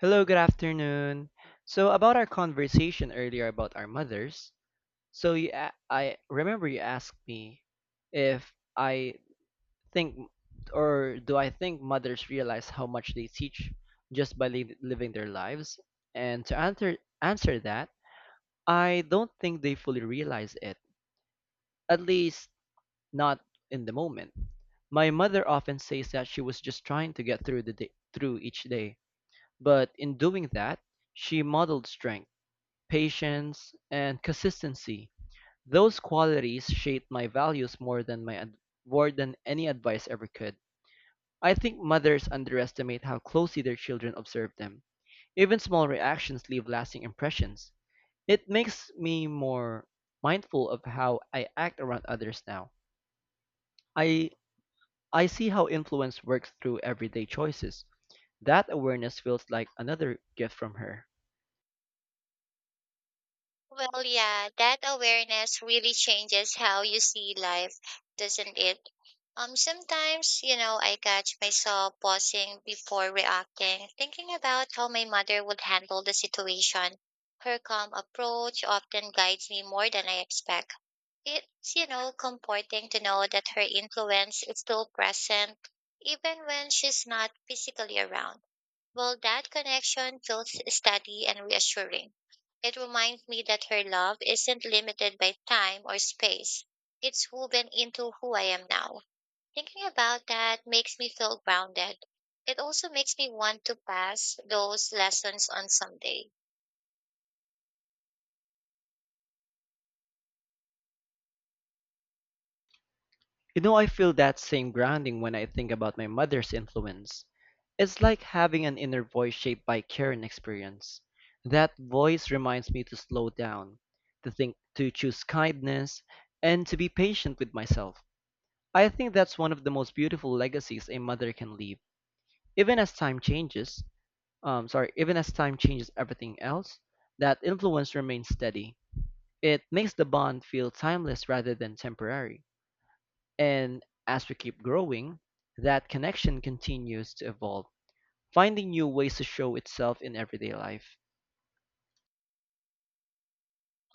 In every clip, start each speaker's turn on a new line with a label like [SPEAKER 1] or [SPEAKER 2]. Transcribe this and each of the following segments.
[SPEAKER 1] Hello, good afternoon. So, about our conversation earlier about our mothers, I remember you asked me if I think or do I think mothers realize how much they teach just by living their lives? And to answer that, I don't think they fully realize it, at least not in the moment. My mother often says that she was just trying to get through the day, through each day, but in doing that, she modeled strength patience, and consistency. Those qualities shaped my values more than more than any advice ever could. I think mothers underestimate how closely their children observe them. Even small reactions leave lasting impressions. It makes me more mindful of how I act around others now. I I see how influence works through everyday choices. That awareness feels like another gift from her.
[SPEAKER 2] Well, yeah, that awareness really changes how you see life, doesn't it? Sometimes, you know, I catch myself pausing before reacting, thinking about how my mother would handle the situation. Her calm approach often guides me more than I expect. It's, you know, comforting to know that her influence is still present, even when she's not physically around. Well, that connection feels steady and reassuring. It reminds me that her love isn't limited by time or space. It's woven into who I am now. Thinking about that makes me feel grounded. It also makes me want to pass those lessons on someday.
[SPEAKER 1] You know, I feel that same grounding when I think about my mother's influence. It's like having an inner voice shaped by care and experience. That voice reminds me to slow down, to think, to choose kindness, and to be patient with myself. I think that's one of the most beautiful legacies a mother can leave. Even as time changes, Even as time changes everything else, that influence remains steady. It makes the bond feel timeless rather than temporary. And as we keep growing, that connection continues to evolve, finding new ways to show itself in everyday life.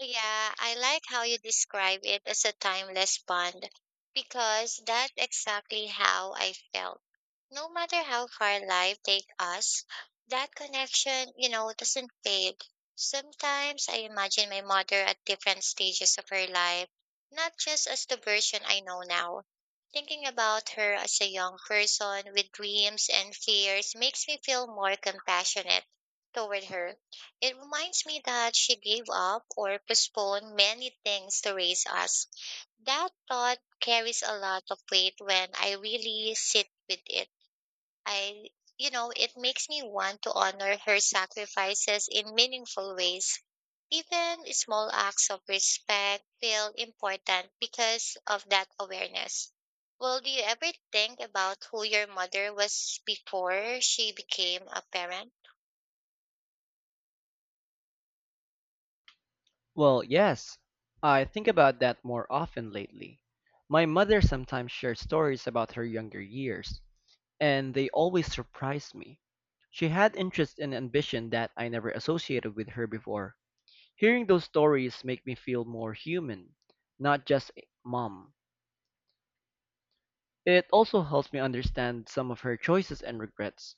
[SPEAKER 2] Yeah, I like how you describe it as a timeless bond because that's exactly how I felt. No matter how far life takes us, that connection, you know, doesn't fade. Sometimes I imagine my mother at different stages of her life, not just as the version I know now. Thinking about her as a young person with dreams and fears makes me feel more compassionate toward her. It reminds me that she gave up or postponed many things to raise us. That thought carries a lot of weight when I really sit with it. I, you know, it makes me want to honor her sacrifices in meaningful ways. Even small acts of respect feel important because of that awareness. Well, do you ever think about who your mother was before she became a parent?
[SPEAKER 1] Well, yes, I think about that more often lately. My mother sometimes shares stories about her younger years, and they always surprise me. She had interest and ambition that I never associated with her before. Hearing those stories make me feel more human, not just a mom. It also helps me understand some of her choices and regrets.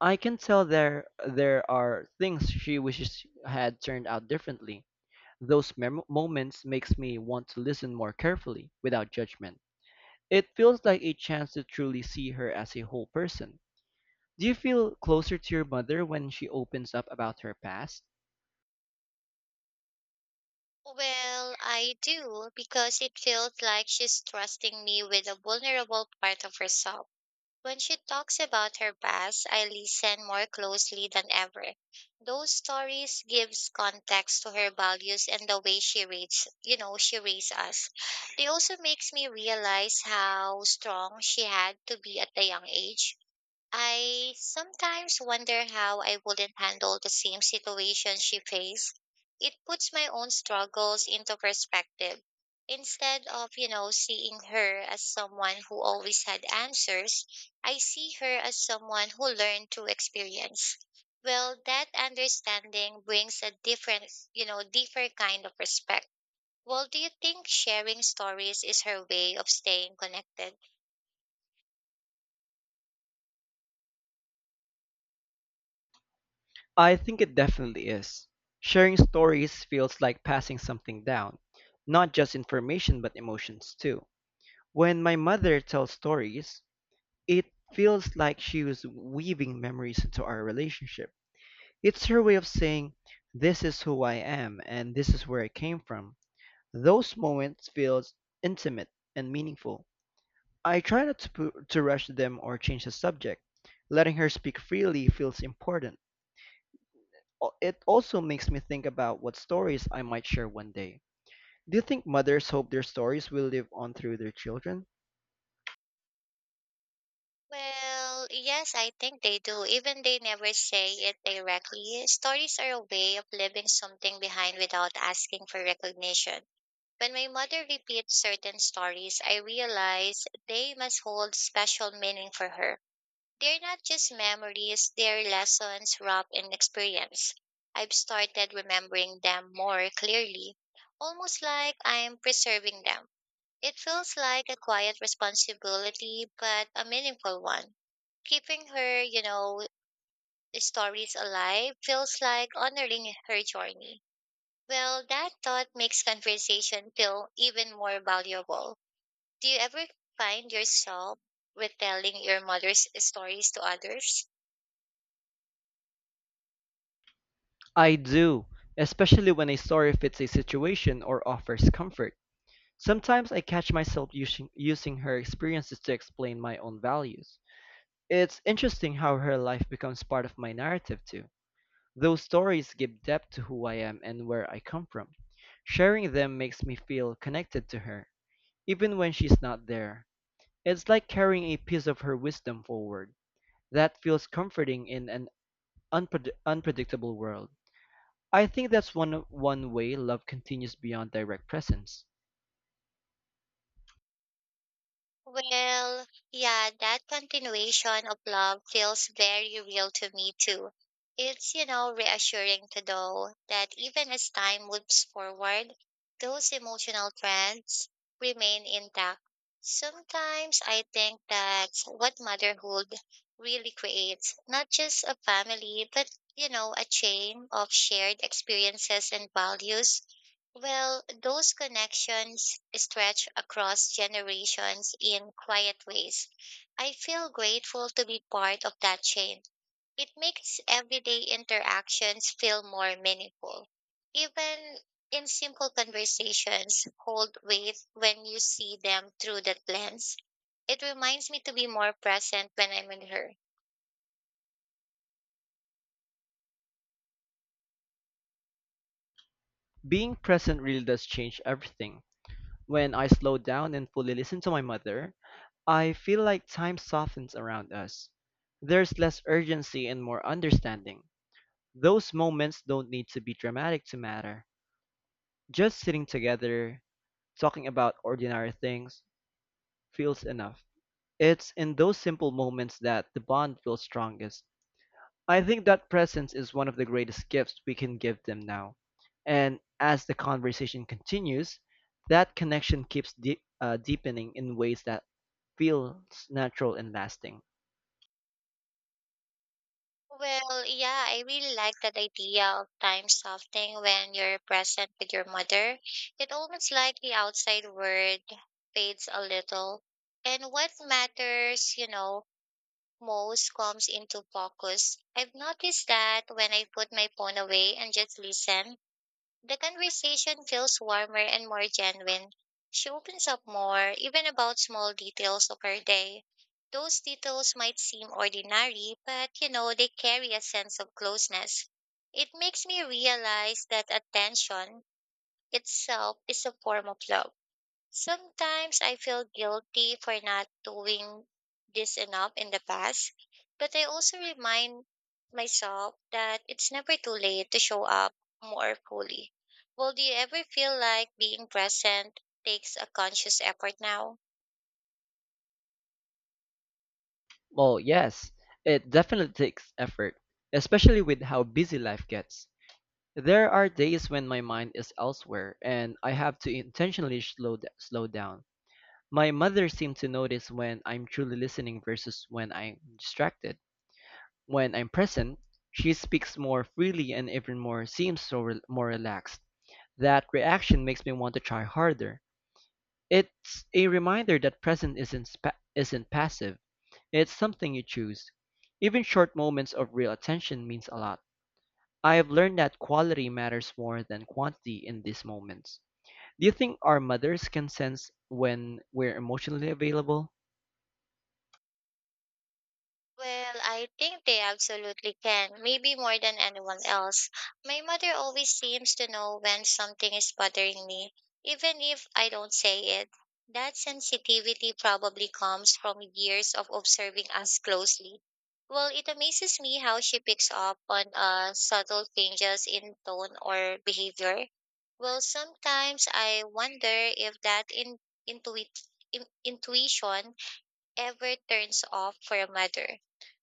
[SPEAKER 1] I can tell there are things she wishes had turned out differently. Those moments makes me want to listen more carefully without judgment. It feels like a chance to truly see her as a whole person. Do you feel closer to your mother when she opens up about her past?
[SPEAKER 2] Well, I do because it feels like she's trusting me with a vulnerable part of herself. When she talks about her past, I listen more closely than ever. Those stories gives context to her values and the way she reads, you know, she raised us. It also makes me realize how strong she had to be at a young age. I sometimes wonder how I wouldn't handle the same situation she faced. It puts my own struggles into perspective. Instead of, you know, seeing her as someone who always had answers, I see her as someone who learned through experience. Well, that understanding brings a different, you know, different kind of respect. Well, do you think sharing stories is her way of staying connected?
[SPEAKER 1] I think it definitely is. Sharing stories feels like passing something down, not just information but emotions too. When my mother tells stories, it feels like she was weaving memories into our relationship. It's her way of saying, this is who I am and this is where I came from. Those moments feel intimate and meaningful. I try not to rush them or change the subject. Letting her speak freely feels important. It also makes me think about what stories I might share one day. Do you think mothers hope their stories will live on through their children?
[SPEAKER 2] Well, yes, I think they do. Even they never say it directly. Stories are a way of leaving something behind without asking for recognition. When my mother repeats certain stories, I realize they must hold special meaning for her. They're not just memories, they're lessons wrapped in experience. I've started remembering them more clearly, almost like I'm preserving them. It feels like a quiet responsibility, but a meaningful one. Keeping her, you know, stories alive feels like honoring her journey. Well, that thought makes conversation feel even more valuable. Do you ever find yourself retelling your mother's stories to others?
[SPEAKER 1] I do, especially when a story fits a situation or offers comfort. Sometimes I catch myself using her experiences to explain my own values. It's interesting how her life becomes part of my narrative, too. Those stories give depth to who I am and where I come from. Sharing them makes me feel connected to her, even when she's not there. It's like carrying a piece of her wisdom forward. That feels comforting in an unpredictable world. I think that's one way love continues beyond direct presence.
[SPEAKER 2] Well, yeah, that continuation of love feels very real to me too. It's, you know, reassuring to know that even as time moves forward, those emotional trends remain intact. Sometimes I think that's what motherhood really creates, not just a family, but, you know, a chain of shared experiences and values. Well, those connections stretch across generations in quiet ways. I feel grateful to be part of that chain. It makes everyday interactions feel more meaningful. Even in simple conversations, hold weight when you see them through that lens. It reminds me to be more present when I'm with her.
[SPEAKER 1] Being present really does change everything. When I slow down and fully listen to my mother, I feel like time softens around us. There's less urgency and more understanding. Those moments don't need to be dramatic to matter. Just sitting together, talking about ordinary things, feels enough. It's in those simple moments that the bond feels strongest. I think that presence is one of the greatest gifts we can give them now. And as the conversation continues, that connection keeps deepening in ways that feels natural and lasting.
[SPEAKER 2] Well, yeah, I really like that idea of time softening when you're present with your mother. It almost like the outside world fades a little. And what matters, you know, most comes into focus. I've noticed that when I put my phone away and just listen, the conversation feels warmer and more genuine. She opens up more, even about small details of her day. Those details might seem ordinary, but you know, they carry a sense of closeness. It makes me realize that attention itself is a form of love. Sometimes I feel guilty for not doing this enough in the past, but I also remind myself that it's never too late to show up more fully. Well, do you ever feel like being present takes a conscious effort now?
[SPEAKER 1] Well, yes, it definitely takes effort, especially with how busy life gets. There are days when my mind is elsewhere and I have to intentionally slow down. My mother seemed to notice when I'm truly listening versus when I'm distracted. When I'm present, she speaks more freely and even more seems so re- more relaxed. That reaction makes me want to try harder. It's a reminder that present isn't spa- isn't passive. It's something you choose. Even short moments of real attention means a lot. I have learned that quality matters more than quantity in these moments. Do you think our mothers can sense when we're emotionally available?
[SPEAKER 2] Well, I think they absolutely can, maybe more than anyone else. My mother always seems to know when something is bothering me, even if I don't say it. That sensitivity probably comes from years of observing us closely. Well, it amazes me how she picks up on subtle changes in tone or behavior. Well, sometimes I wonder if that in, intuit, in, intuition ever turns off for a mother.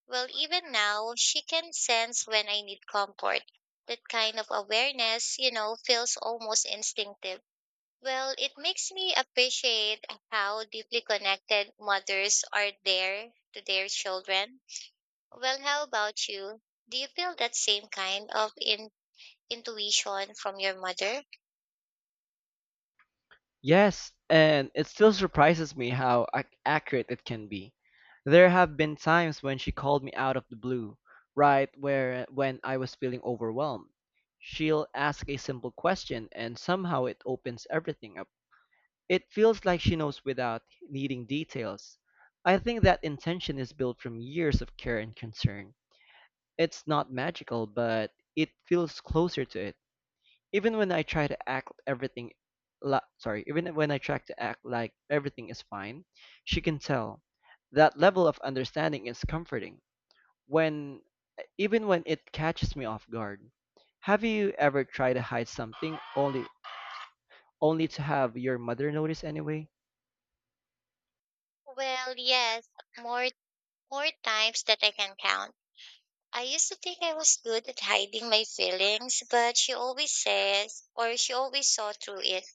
[SPEAKER 2] Well, even now, she can sense when I need comfort. That kind of awareness, you know, feels almost instinctive. Well, it makes me appreciate how deeply connected mothers are there to their children. Well, how about you? Do you feel that same kind of intuition from your mother?
[SPEAKER 1] Yes, and it still surprises me how accurate it can be. There have been times when she called me out of the blue, right where when I was feeling overwhelmed. She'll ask a simple question and somehow it opens everything up. It feels like she knows without needing details. I think that intention is built from years of care and concern. It's not magical, but it feels closer to it. Even when I try to act everything la- sorry, Even when I try to act like everything is fine, she can tell. That level of understanding is comforting. When Even when it catches me off guard. Have you ever tried to hide something only to have your mother notice anyway?
[SPEAKER 2] Well, yes, more more times that I can count. I used to think I was good at hiding my feelings, but she always says, or she always saw through it.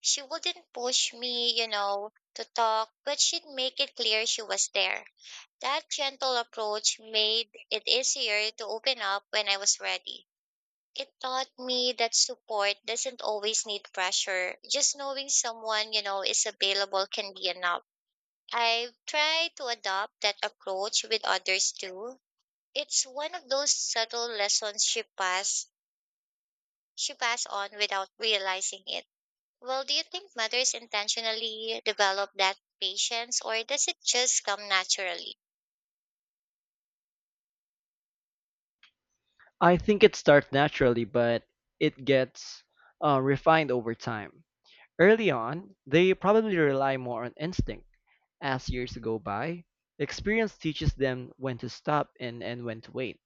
[SPEAKER 2] She wouldn't push me, you know, to talk, but she'd make it clear she was there. That gentle approach made it easier to open up when I was ready. It taught me that support doesn't always need pressure. Just knowing someone, you know, is available can be enough. I've tried to adopt that approach with others too, it's one of those subtle lessons she passed on without realizing it. Well, do you think mothers intentionally develop that patience or does it just come naturally?
[SPEAKER 1] I think it starts naturally, but it gets refined over time. Early on, they probably rely more on instinct. As years go by, experience teaches them when to stop and when to wait.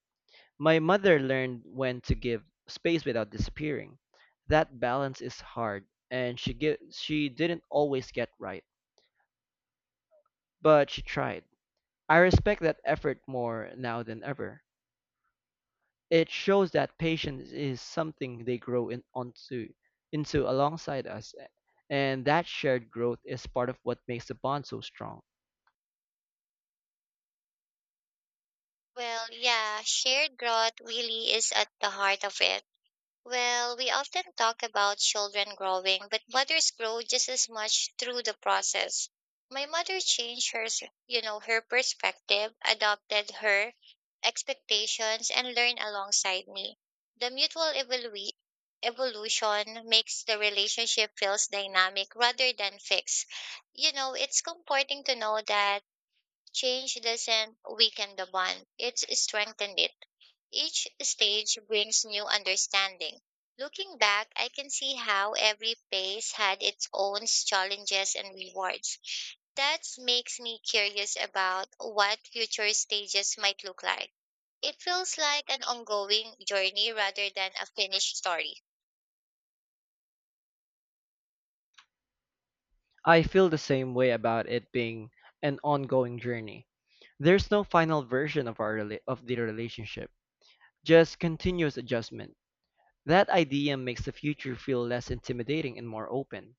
[SPEAKER 1] My mother learned when to give space without disappearing. That balance is hard, and she didn't always get right, but she tried. I respect that effort more now than ever. It shows that patience is something they grow in, onto into alongside us, and that shared growth is part of what makes the bond so strong.
[SPEAKER 2] Well, yeah, shared growth really is at the heart of it. Well, we often talk about children growing, but mothers grow just as much through the process. My mother changed you know, her perspective, adopted her expectations, and learned alongside me. The evolution makes the relationship feels dynamic rather than fixed. You know, it's comforting to know that change doesn't weaken the bond; it's strengthened it. Each stage brings new understanding. Looking back, I can see how every phase had its own challenges and rewards. That makes me curious about what future stages might look like. It feels like an ongoing journey rather than a finished story.
[SPEAKER 1] I feel the same way about it being an ongoing journey. There's no final version of the relationship, just continuous adjustment. That idea makes the future feel less intimidating and more open.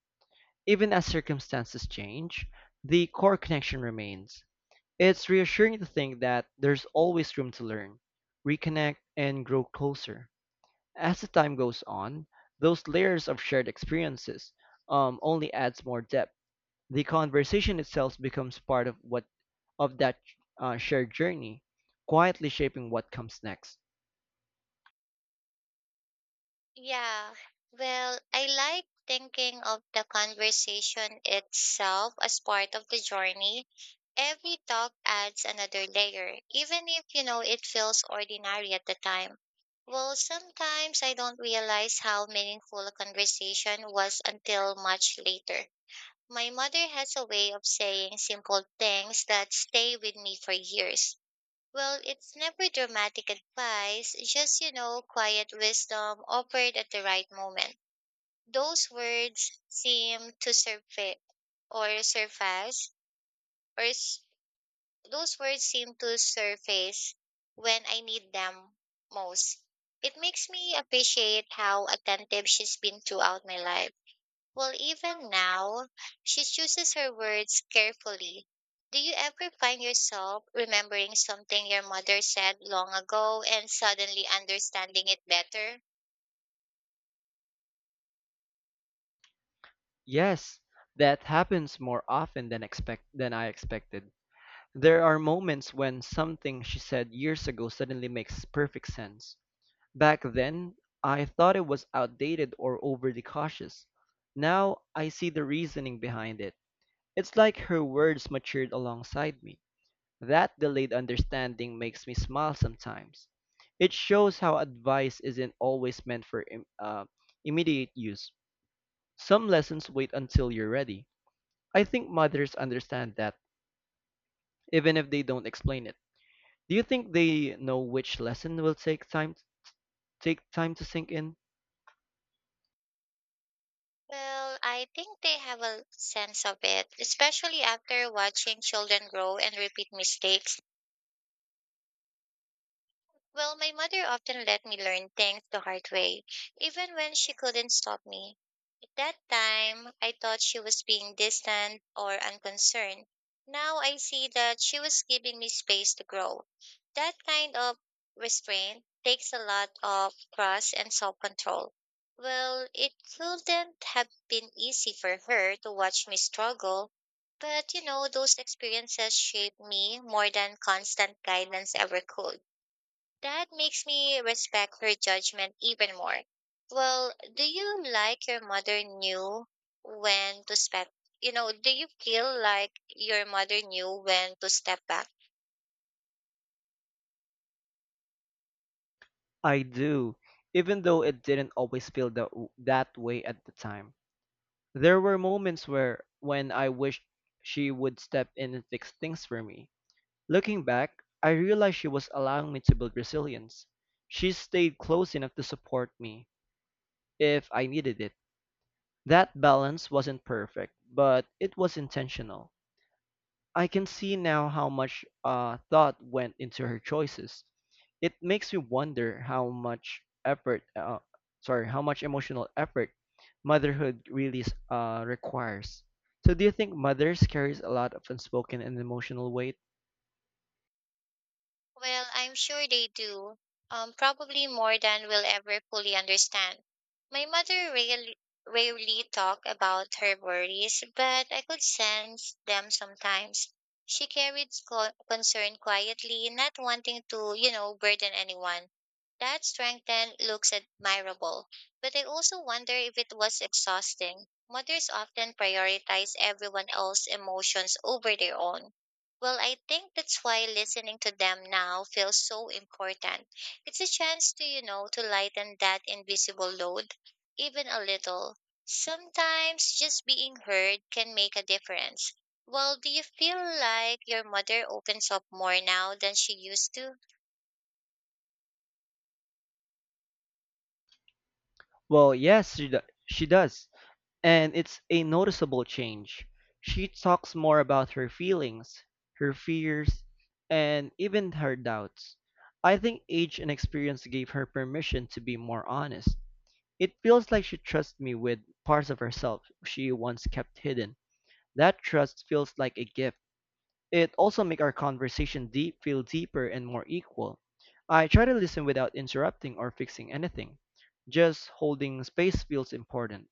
[SPEAKER 1] Even as circumstances change, the core connection remains. It's reassuring to think that there's always room to learn, reconnect, and grow closer. As the time goes on, those layers of shared experiences only adds more depth. The conversation itself becomes part of that shared journey, quietly shaping what comes next.
[SPEAKER 2] Yeah. Well, I like thinking of the conversation itself as part of the journey. Every talk adds another layer, even if, you know, it feels ordinary at the time. Well, sometimes I don't realize how meaningful a conversation was until much later. My mother has a way of saying simple things that stay with me for years. Well, it's never dramatic advice, just, you know, quiet wisdom offered at the right moment. Those words seem to surface or surface, or s- Those words seem to surface when I need them most. It makes me appreciate how attentive she's been throughout my life. Well, even now, she chooses her words carefully. Do you ever find yourself remembering something your mother said long ago and suddenly understanding it better?
[SPEAKER 1] Yes, that happens more often than expect than I expected. There are moments when something she said years ago suddenly makes perfect sense. Back then, I thought it was outdated or overly cautious. Now I see the reasoning behind it. It's like her words matured alongside me. That delayed understanding makes me smile sometimes. It shows how advice isn't always meant for immediate use. Some lessons wait until you're ready. I think mothers understand that, even if they don't explain it. Do you think they know which lesson will take time to sink in?
[SPEAKER 2] Well, I think they have a sense of it, especially after watching children grow and repeat mistakes. Well, my mother often let me learn things the hard way, even when she couldn't stop me. That time, I thought she was being distant or unconcerned. Now I see that she was giving me space to grow. That kind of restraint takes a lot of trust and self control. Well, it couldn't have been easy for her to watch me struggle, but you know, those experiences shaped me more than constant guidance ever could. That makes me respect her judgment even more. Well, do you like your mother knew when to step, you know, do you feel like your mother knew when to step back?
[SPEAKER 1] I do, even though it didn't always that way at the time. There were moments where When I wished she would step in and fix things for me. Looking back, I realized she was allowing me to build resilience. She stayed close enough to support me if I needed it. That balance wasn't perfect, but it was intentional. I can see now how much thought went into her choices. It makes me wonder how much effort, sorry, How much emotional effort motherhood requires. So, do you think mothers carries a lot of unspoken and emotional weight?
[SPEAKER 2] Well, I'm sure they do, probably more than we'll ever fully understand. My mother rarely talked about her worries, but I could sense them sometimes. She carried concern quietly, not wanting to, you know, burden anyone. That strength then looks admirable, but I also wonder if it was exhausting. Mothers often prioritize everyone else's emotions over their own. Well, I think that's why listening to them now feels so important. It's a chance to, you know, to lighten that invisible load, even a little. Sometimes just being heard can make a difference. Well, do you feel like your mother opens up more now than she used to?
[SPEAKER 1] Well, yes, she does. And it's a noticeable change. She talks more about her feelings, her fears, and even her doubts. I think age and experience gave her permission to be more honest. It feels like she trusts me with parts of herself she once kept hidden. That trust feels like a gift. It also makes our conversation deep feel deeper and more equal. I try to listen without interrupting or fixing anything. Just holding space feels important.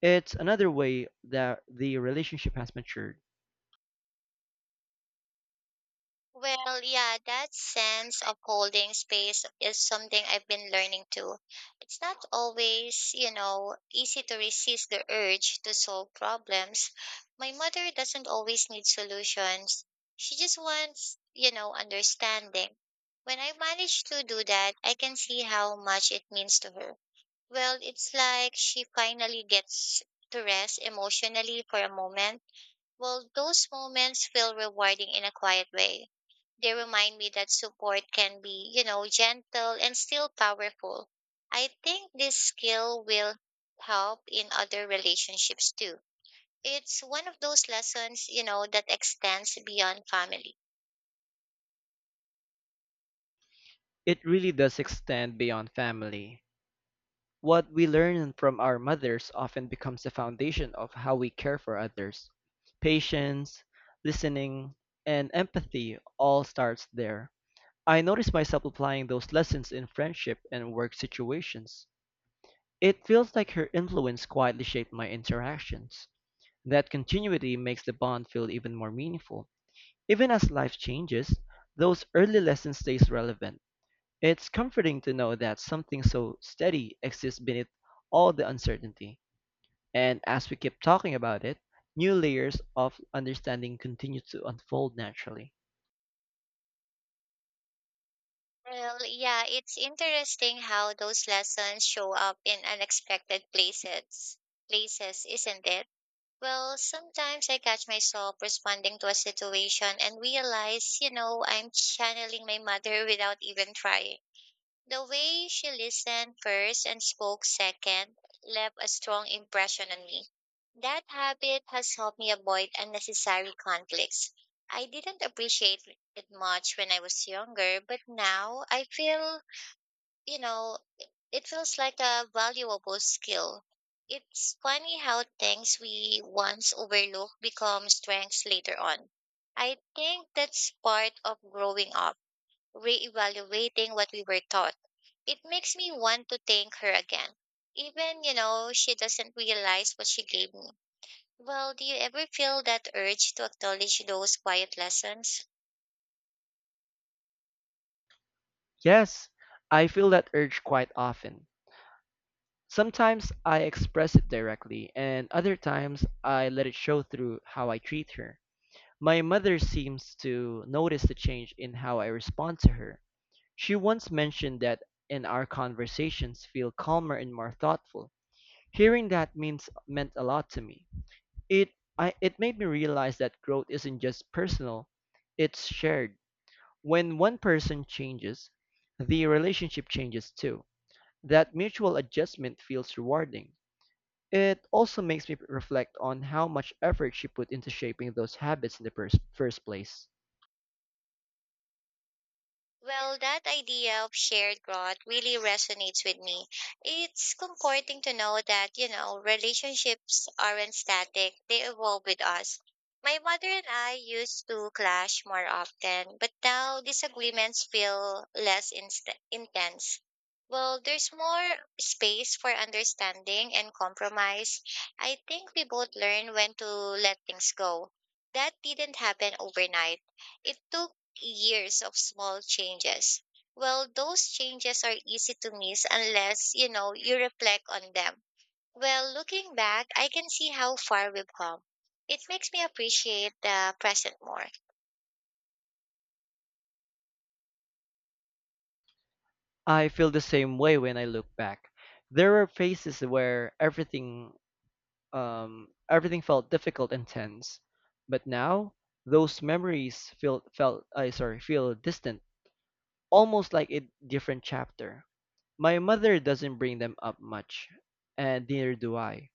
[SPEAKER 1] It's another way that the relationship has matured.
[SPEAKER 2] Well, yeah, that sense of holding space is something I've been learning too. It's not always, you know, easy to resist the urge to solve problems. My mother doesn't always need solutions. She just wants, you know, understanding. When I manage to do that, I can see how much it means to her. Well, it's like she finally gets to rest emotionally for a moment. Well, those moments feel rewarding in a quiet way. They remind me that support can be, you know, gentle and still powerful. I think this skill will help in other relationships too. It's one of those lessons, you know, that extends beyond family.
[SPEAKER 1] It really does extend beyond family. What we learn from our mothers often becomes the foundation of how we care for others. Patience, listening, and empathy all starts there. I notice myself applying those lessons in friendship and work situations. It feels like her influence quietly shaped my interactions. That continuity makes the bond feel even more meaningful. Even as life changes, those early lessons stays relevant. It's comforting to know that something so steady exists beneath all the uncertainty. And as we keep talking about it, new layers of understanding continue to unfold naturally.
[SPEAKER 2] Well, yeah, it's interesting how those lessons show up in unexpected places. Places, isn't it? Well, sometimes I catch myself responding to a situation and realize, you know, I'm channeling my mother without even trying. The way she listened first and spoke second left a strong impression on me. That habit has helped me avoid unnecessary conflicts. I didn't appreciate it much when I was younger, but now I feel you know, it feels like a valuable skill. It's funny how things we once overlook become strengths later on. I think that's part of growing up, reevaluating what we were taught. It makes me want to thank her again. Even, you know, she doesn't realize what she gave me. Well, do you ever feel that urge to acknowledge those quiet lessons?
[SPEAKER 1] Yes, I feel that urge quite often. Sometimes I express it directly, and other times I let it show through how I treat her. My mother seems to notice the change in how I respond to her. She once mentioned that and our conversations feel calmer and more thoughtful. Hearing that means meant a lot to me. It it made me realize that growth isn't just personal, it's shared. When one person changes, the relationship changes too. That mutual adjustment feels rewarding. It also makes me reflect on how much effort she put into shaping those habits in the first place.
[SPEAKER 2] Well, that idea of shared growth really resonates with me. It's comforting to know that, you know, relationships aren't static, they evolve with us. My mother and I used to clash more often, but now disagreements feel less intense. Well, there's more space for understanding and compromise. I think we both learn when to let things go. That didn't happen overnight. It took years of small changes. Well, those changes are easy to miss unless, you know, you reflect on them. Well, looking back, I can see how far we've come. It makes me appreciate the present more.
[SPEAKER 1] I feel the same way when I look back. There were phases where everything felt difficult and tense, but now those memories feel felt I sorry feel distant, almost like a different chapter. My mother doesn't bring them up much, and neither do I.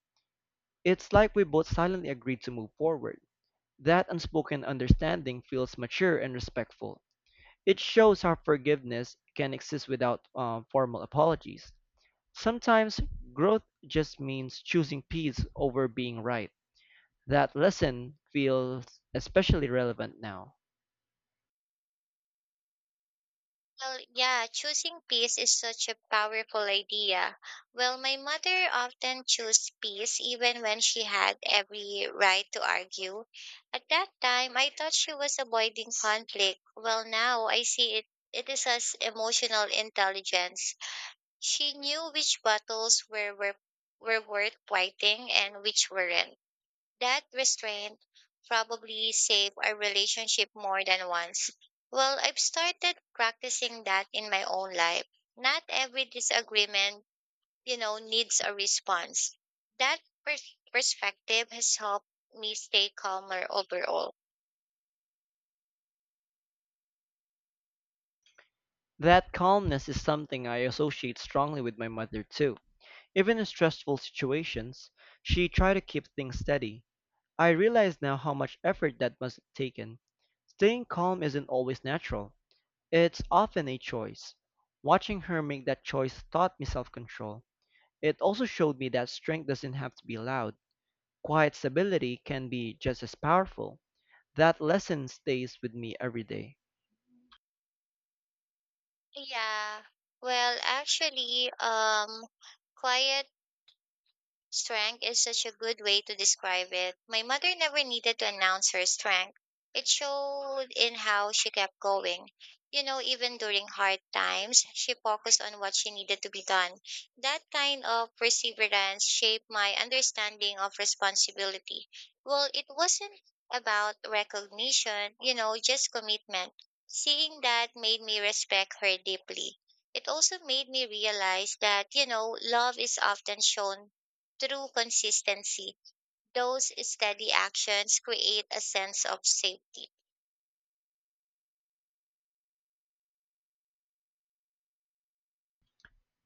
[SPEAKER 1] It's like we both silently agreed to move forward. That unspoken understanding feels mature and respectful. It shows how forgiveness can exist without formal apologies. Sometimes growth just means choosing peace over being right. That lesson feels especially relevant now.
[SPEAKER 2] Well, yeah, choosing peace is such a powerful idea. Well, my mother often chose peace even when she had every right to argue. At that time, I thought she was avoiding conflict. Well, now I see it, it is as emotional intelligence. She knew which battles were worth fighting and which weren't. That restraint probably saved our relationship more than once. Well, I've started practicing that in my own life. Not every disagreement, you know, needs a response. That perspective has helped me stay calmer overall.
[SPEAKER 1] That calmness is something I associate strongly with my mother, too. Even in stressful situations, she tried to keep things steady. I realize now how much effort that must have taken. Staying calm isn't always natural. It's often a choice. Watching her make that choice taught me self control. It also showed me that strength doesn't have to be loud, quiet stability can be just as powerful. That lesson stays with me every day.
[SPEAKER 2] Yeah. Well, actually, quiet Strength is such a good way to describe it. My mother never needed to announce her strength. It showed in how she kept going. You know, even during hard times, she focused on what she needed to be done. That kind of perseverance shaped my understanding of responsibility. Well, it wasn't about recognition, you know, just commitment. Seeing that made me respect her deeply. It also made me realize that, you know, love is often shown through consistency, those steady actions create a sense of safety.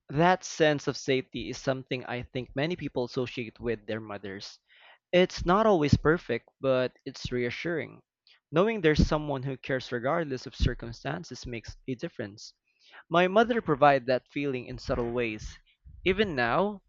[SPEAKER 1] That sense of safety is something I think many people associate with their mothers. It's not always perfect, but it's reassuring. Knowing there's someone who cares regardless of circumstances makes a difference. My mother provided that feeling in subtle ways. Even now,